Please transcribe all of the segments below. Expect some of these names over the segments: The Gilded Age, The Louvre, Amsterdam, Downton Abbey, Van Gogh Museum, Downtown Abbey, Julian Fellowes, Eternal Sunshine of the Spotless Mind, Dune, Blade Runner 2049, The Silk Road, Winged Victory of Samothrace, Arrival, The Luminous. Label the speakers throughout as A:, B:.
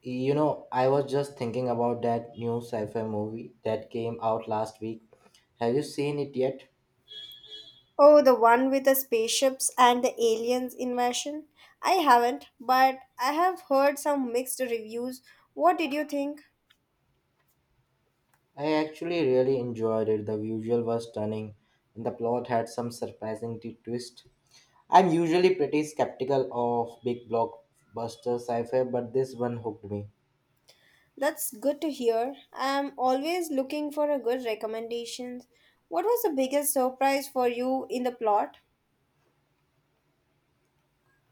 A: You know, I was just thinking about that new sci-fi movie that came out last week. Have you seen it yet?
B: Oh, the one with the spaceships and the aliens invasion? I haven't, but I have heard some mixed reviews. What did you think?
A: I actually really enjoyed it. The visual was stunning, and the plot had some surprising twist. I'm usually pretty skeptical of big blockbuster sci-fi, but this one hooked me.
B: That's good to hear. I'm always looking for a good recommendations. What was the biggest surprise for you in the plot?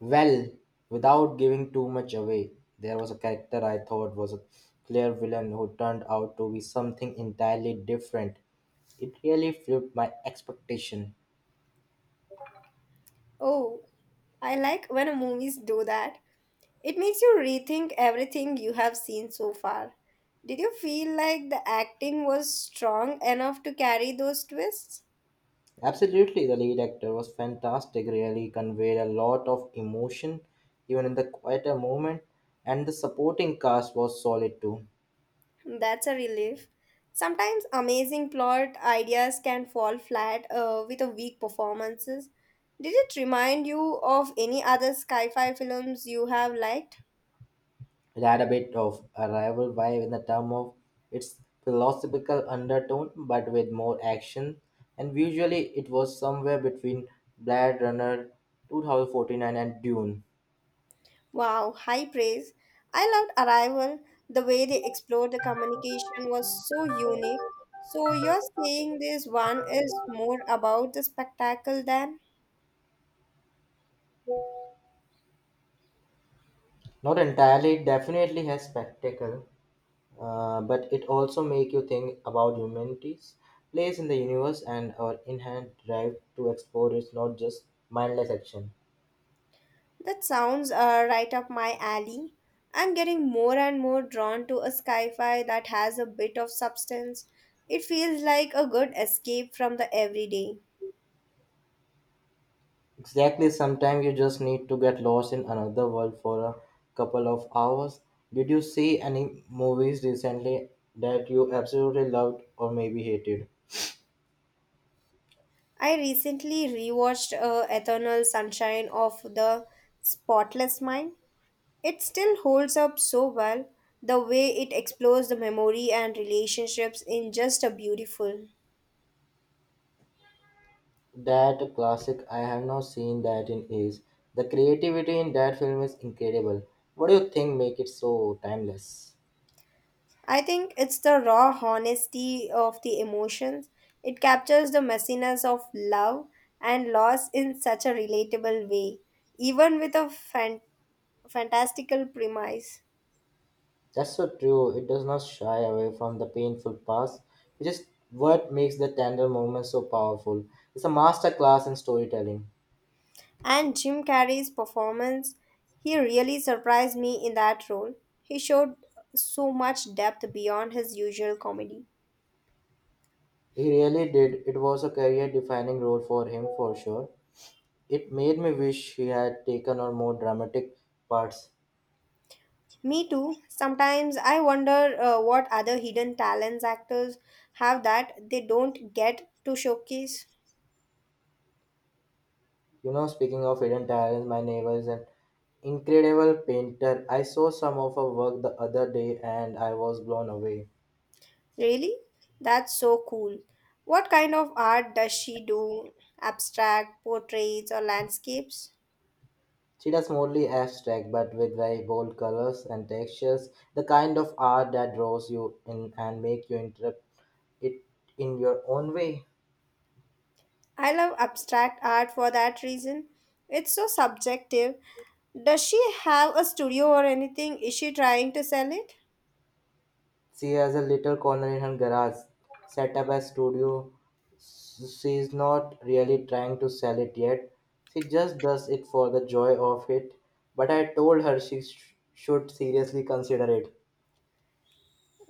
A: Well, without giving too much away, there was a character I thought was a clear villain who turned out to be something entirely different. It really flipped my expectation.
B: Oh, I like when movies do that. It makes you rethink everything you have seen so far. Did you feel like the acting was strong enough to carry those twists?
A: Absolutely, the lead actor was fantastic, really conveyed a lot of emotion, even in the quieter moment, and the supporting cast was solid too.
B: That's a relief. Sometimes amazing plot ideas can fall flat with a weak performances. Did it remind you of any other sci-fi films you have liked?
A: It had a bit of a rival vibe in the term of its philosophical undertone, but with more action, and visually it was somewhere between Blade Runner 2049 and Dune.
B: Wow, high praise. I loved Arrival. The way they explored the communication was so unique. So you're saying this one is more about the spectacle than
A: Not entirely, it definitely has spectacle, but it also make you think about humanity's place in the universe and our inherent drive to explore. It's not just mindless action.
B: that sounds right up my alley. I'm getting more and more drawn to a sci-fi that has a bit of substance. It feels like a good escape from the everyday.
A: Exactly, sometimes you just need to get lost in another world for a couple of hours. Did you see any movies recently that you absolutely loved or maybe hated?
B: I recently rewatched Eternal Sunshine of the Spotless Mind. It still holds up so well. The way it explores the memory and relationships in just a beautiful.
A: That classic, I have not seen that in ages. The creativity in that film is incredible. What do you think make it so timeless?
B: I think it's the raw honesty of the emotions. It captures the messiness of love and loss in such a relatable way, even with a fantastical premise.
A: That's so true. It does not shy away from the painful past, which is what makes the tender moment so powerful. It's a master class in storytelling.
B: And Jim Carrey's performance, he really surprised me in that role. He showed so much depth beyond his usual comedy.
A: He really did. It was a career defining role for him for sure. It made me wish he had taken on more dramatic parts.
B: Me too. Sometimes I wonder what other hidden talents actors have that they don't get to showcase.
A: You know, speaking of hidden talents, my neighbor is an incredible painter. I saw some of her work the other day and I was blown away.
B: Really? That's so cool. What kind of art does she do? Abstract, portraits, or landscapes?
A: She does mostly abstract, but with very bold colors and textures, the kind of art that draws you in and make you interpret it in your own way.
B: I love abstract art for that reason. It's so subjective. Does she have a studio or anything? Is she trying to sell it?
A: She has a little corner in her garage, set up as studio. She's not really trying to sell it yet. She just does it for the joy of it. But I told her she should seriously consider it.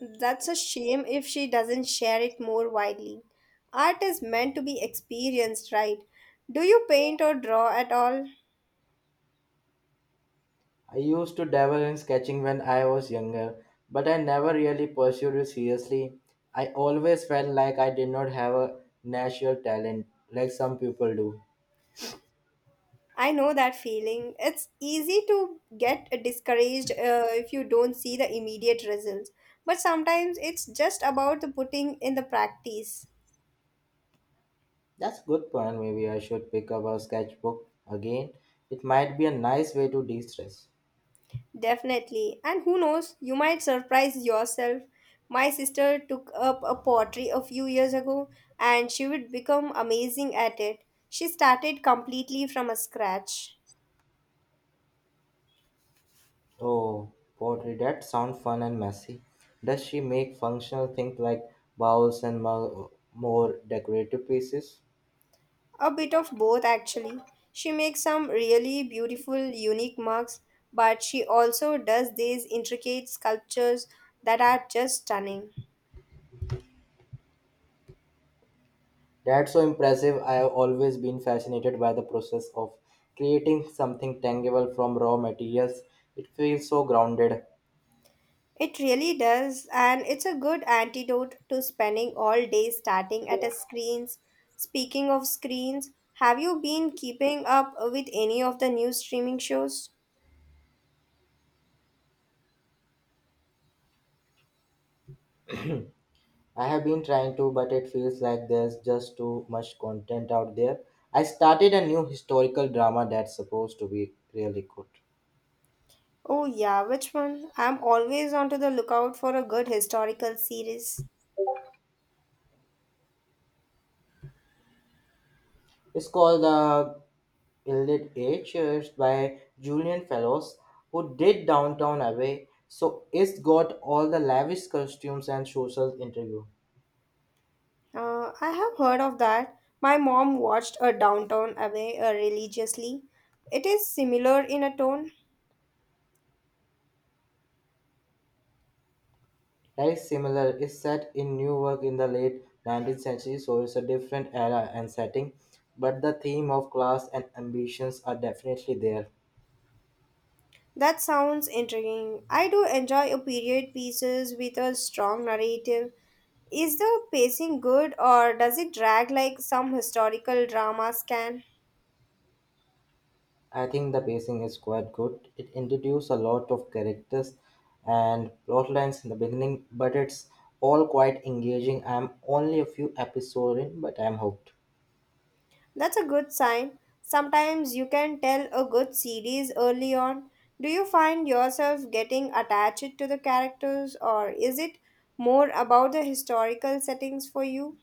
B: That's a shame if she doesn't share it more widely. Art is meant to be experienced, right? Do you paint or draw at all?
A: I used to dabble in sketching when I was younger, but I never really pursued it seriously. I always felt like I did not have a natural talent like some people do.
B: I know that feeling. It's easy to get discouraged if you don't see the immediate results, but sometimes it's just about the putting in the practice.
A: That's a good point. Maybe I should pick up a sketchbook again. It might be a nice way to de stress.
B: Definitely. And who knows, you might surprise yourself. My sister took up a pottery a few years ago and she would become amazing at it. She started completely from a scratch.
A: Oh, pottery, that sounds fun and messy. Does she make functional things like bowls and more decorative pieces?
B: A bit of both, actually. She makes some really beautiful, unique mugs, but she also does these intricate sculptures that are just stunning.
A: That's so impressive. I have always been fascinated by the process of creating something tangible from raw materials. It feels so grounded.
B: It really does, and it's a good antidote to spending all day starting at a screens. Speaking of screens, have you been keeping up with any of the new streaming shows?
A: I have been trying to, but it feels like there's just too much content out there. I started a new historical drama that's supposed to be really good.
B: Oh yeah, which one? I'm always on to the lookout for a good historical series.
A: It's called The Gilded Age. It's by Julian Fellows, who did Downtown Abbey, so it's got all the lavish costumes and social interview.
B: I have heard of that. My mom watched a Downtown Abbey religiously. It is similar in a tone.
A: Right, similar is set in Newark in the late 19th century, so it's a different era and setting, but the theme of class and ambitions are definitely there.
B: That sounds intriguing. I do enjoy a period pieces with a strong narrative. Is the pacing good or does it drag like some historical dramas can?
A: I think the pacing is quite good. It introduces a lot of characters and plot lines in the beginning, but it's all quite engaging. I'm only a few episodes in, but I'm hooked.
B: That's a good sign. Sometimes you can tell a good series early on. Do you find yourself getting attached to the characters, or is it more about the historical settings for you?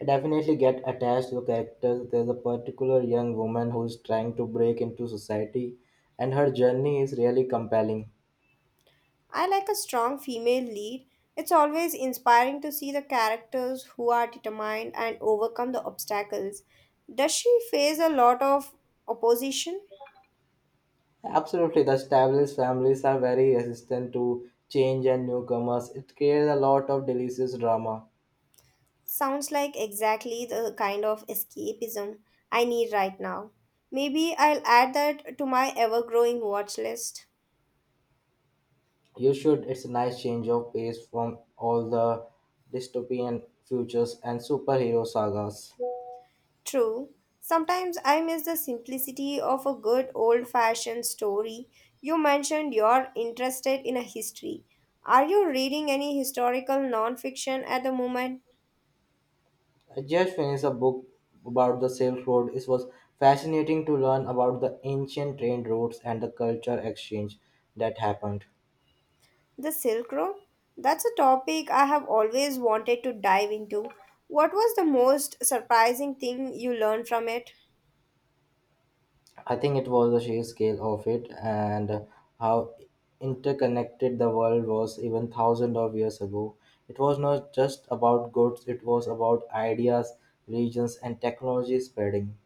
A: I definitely get attached to the characters. There's a particular young woman who's trying to break into society, and her journey is really compelling.
B: I like a strong female lead. It's always inspiring to see the characters who are determined and overcome the obstacles. Does she face a lot of opposition?
A: Absolutely, the established families are very resistant to change and newcomers. It creates a lot of delicious drama.
B: Sounds like exactly the kind of escapism I need right now. Maybe I'll add that to my ever growing watch list.
A: You should. It's a nice change of pace from all the dystopian futures and superhero sagas.
B: True, sometimes I miss the simplicity of a good old fashioned story. You mentioned you're interested in a history. Are you reading any historical non fiction at the moment?
A: I just finished a book about the Silk Road. It was fascinating to learn about the ancient trade routes and the culture exchange that happened.
B: The Silk Road? That's a topic I have always wanted to dive into. What was the most surprising thing you learned from it?
A: I think it was the sheer scale of it and how interconnected the world was even thousands of years ago. It was not just about goods, it was about ideas, regions, and technology spreading.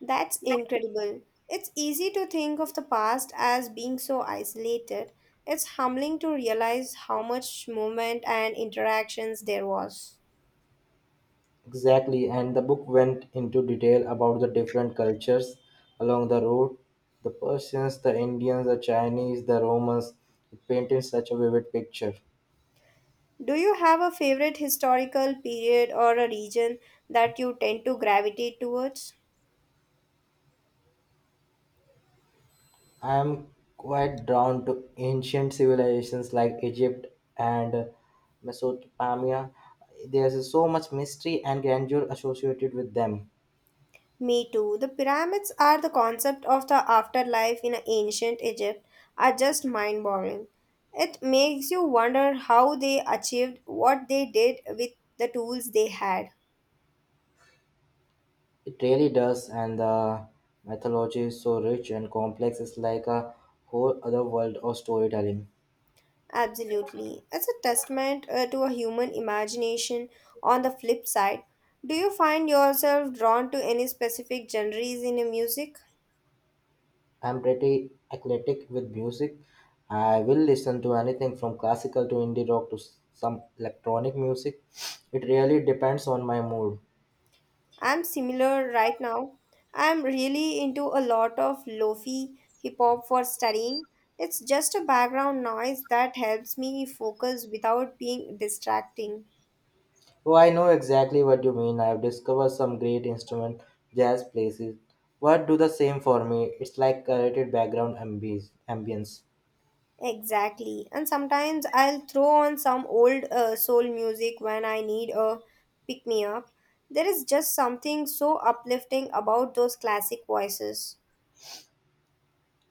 B: That's incredible. It's easy to think of the past as being so isolated. It's humbling to realize how much movement and interactions there was.
A: Exactly, and the book went into detail about the different cultures along the road, the Persians, the Indians, the Chinese, the Romans. It painted such a vivid picture.
B: Do you have a favorite historical period or a region that you tend to gravitate towards?
A: I am quite drawn to ancient civilizations like Egypt and Mesopotamia. There's so much mystery and grandeur associated with them.
B: Me too. The pyramids are the concept of the afterlife in ancient Egypt are just mind boggling. It makes you wonder how they achieved what they did with the tools they had.
A: It really does, and the mythology is so rich and complex. It's like a whole other world of storytelling.
B: Absolutely. It's a testament to a human imagination. On the flip side, do you find yourself drawn to any specific genres in your music?
A: I'm pretty eclectic with music. I will listen to anything from classical to indie rock to some electronic music. It really depends on my mood.
B: I'm similar right now. I'm really into a lot of lofi hip hop for studying. It's just a background noise that helps me focus without being distracting.
A: Oh, I know exactly what you mean. I've discovered some great instrument jazz places. What do the same for me? It's like curated background ambience.
B: Exactly. And sometimes I'll throw on some old soul music when I need a pick me up. There is just something so uplifting about those classic voices.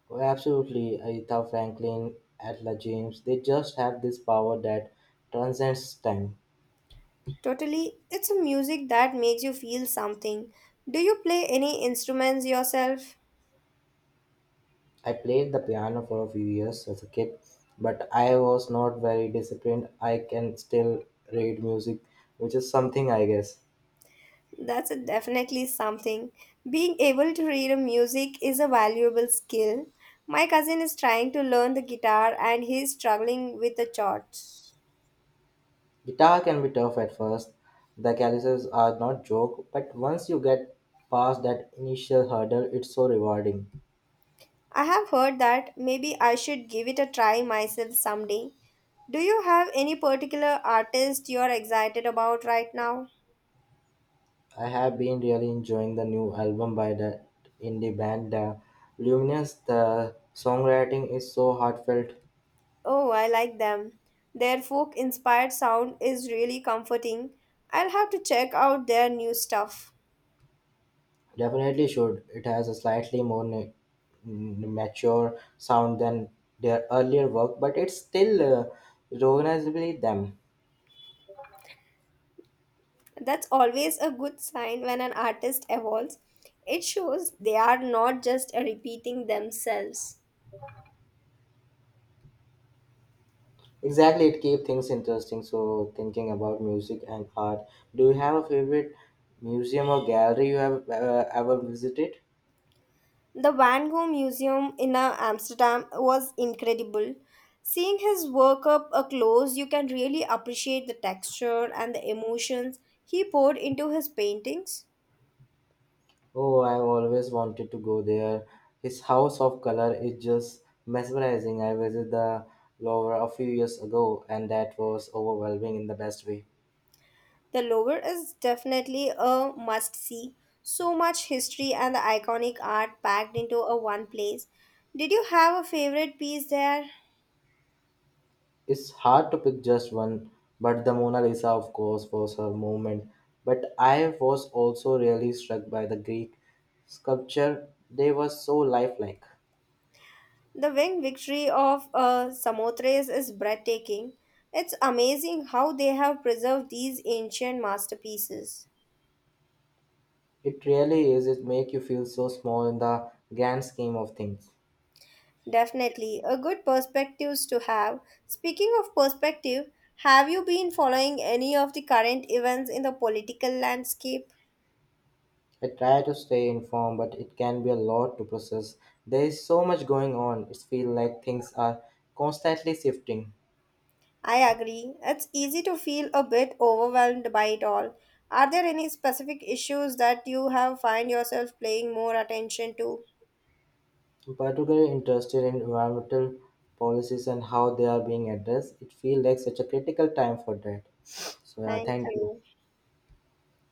A: Oh, absolutely, Aretha Franklin, Ella James. They just have this power that transcends time.
B: Totally, it's a music that makes you feel something. Do you play any instruments yourself?
A: I played the piano for a few years as a kid, but I was not very disciplined. I can still read music, which is something, I guess.
B: That's a definitely something. Being able to read a music is a valuable skill. My cousin is trying to learn the guitar and he's struggling with the chords.
A: Guitar can be tough at first. The calluses are not joke, but once you get past that initial hurdle, it's so rewarding.
B: I have heard that maybe I should give it a try myself someday. Do you have any particular artist you are excited about right now?
A: I have been really enjoying the new album by the indie band, The Luminous. The songwriting is so heartfelt.
B: Oh, I like them. Their folk inspired sound is really comforting. I'll have to check out their new stuff.
A: Definitely should. It has a slightly more mature sound than their earlier work, but it's still recognizably them.
B: That's always a good sign when an artist evolves. It shows they are not just repeating themselves.
A: Exactly, it keeps things interesting. So, thinking about music and art, do you have a favorite museum or gallery you have ever visited?
B: The Van Gogh Museum in Amsterdam was incredible. Seeing his work up close, you can really appreciate the texture and the emotions he poured into his paintings.
A: Oh, I've always wanted to go there. His house of color is just mesmerizing. I visited the Louvre a few years ago, and that was overwhelming in the best way.
B: The Louvre is definitely a must see. So much history and the iconic art packed into a one place. Did you have a favorite piece there?
A: It's hard to pick just one, but the Mona Lisa, of course, was her moment. But I was also really struck by the Greek sculpture. They were so lifelike.
B: The wing victory of Samothrace is breathtaking. It's amazing how they have preserved these ancient masterpieces.
A: It really is. It make you feel so small in the grand scheme of things.
B: Definitely, a good perspectives to have. Speaking of perspective, have you been following any of the current events in the political landscape?
A: I try to stay informed, but it can be a lot to process. There is so much going on. It feels like things are constantly shifting.
B: I agree. It's easy to feel a bit overwhelmed by it all. Are there any specific issues that you have find yourself paying more attention to?
A: I'm particularly interested in environmental policies and how they are being addressed. It feels like such a critical time for that. So yeah,
B: Thank
A: thank you.
B: you.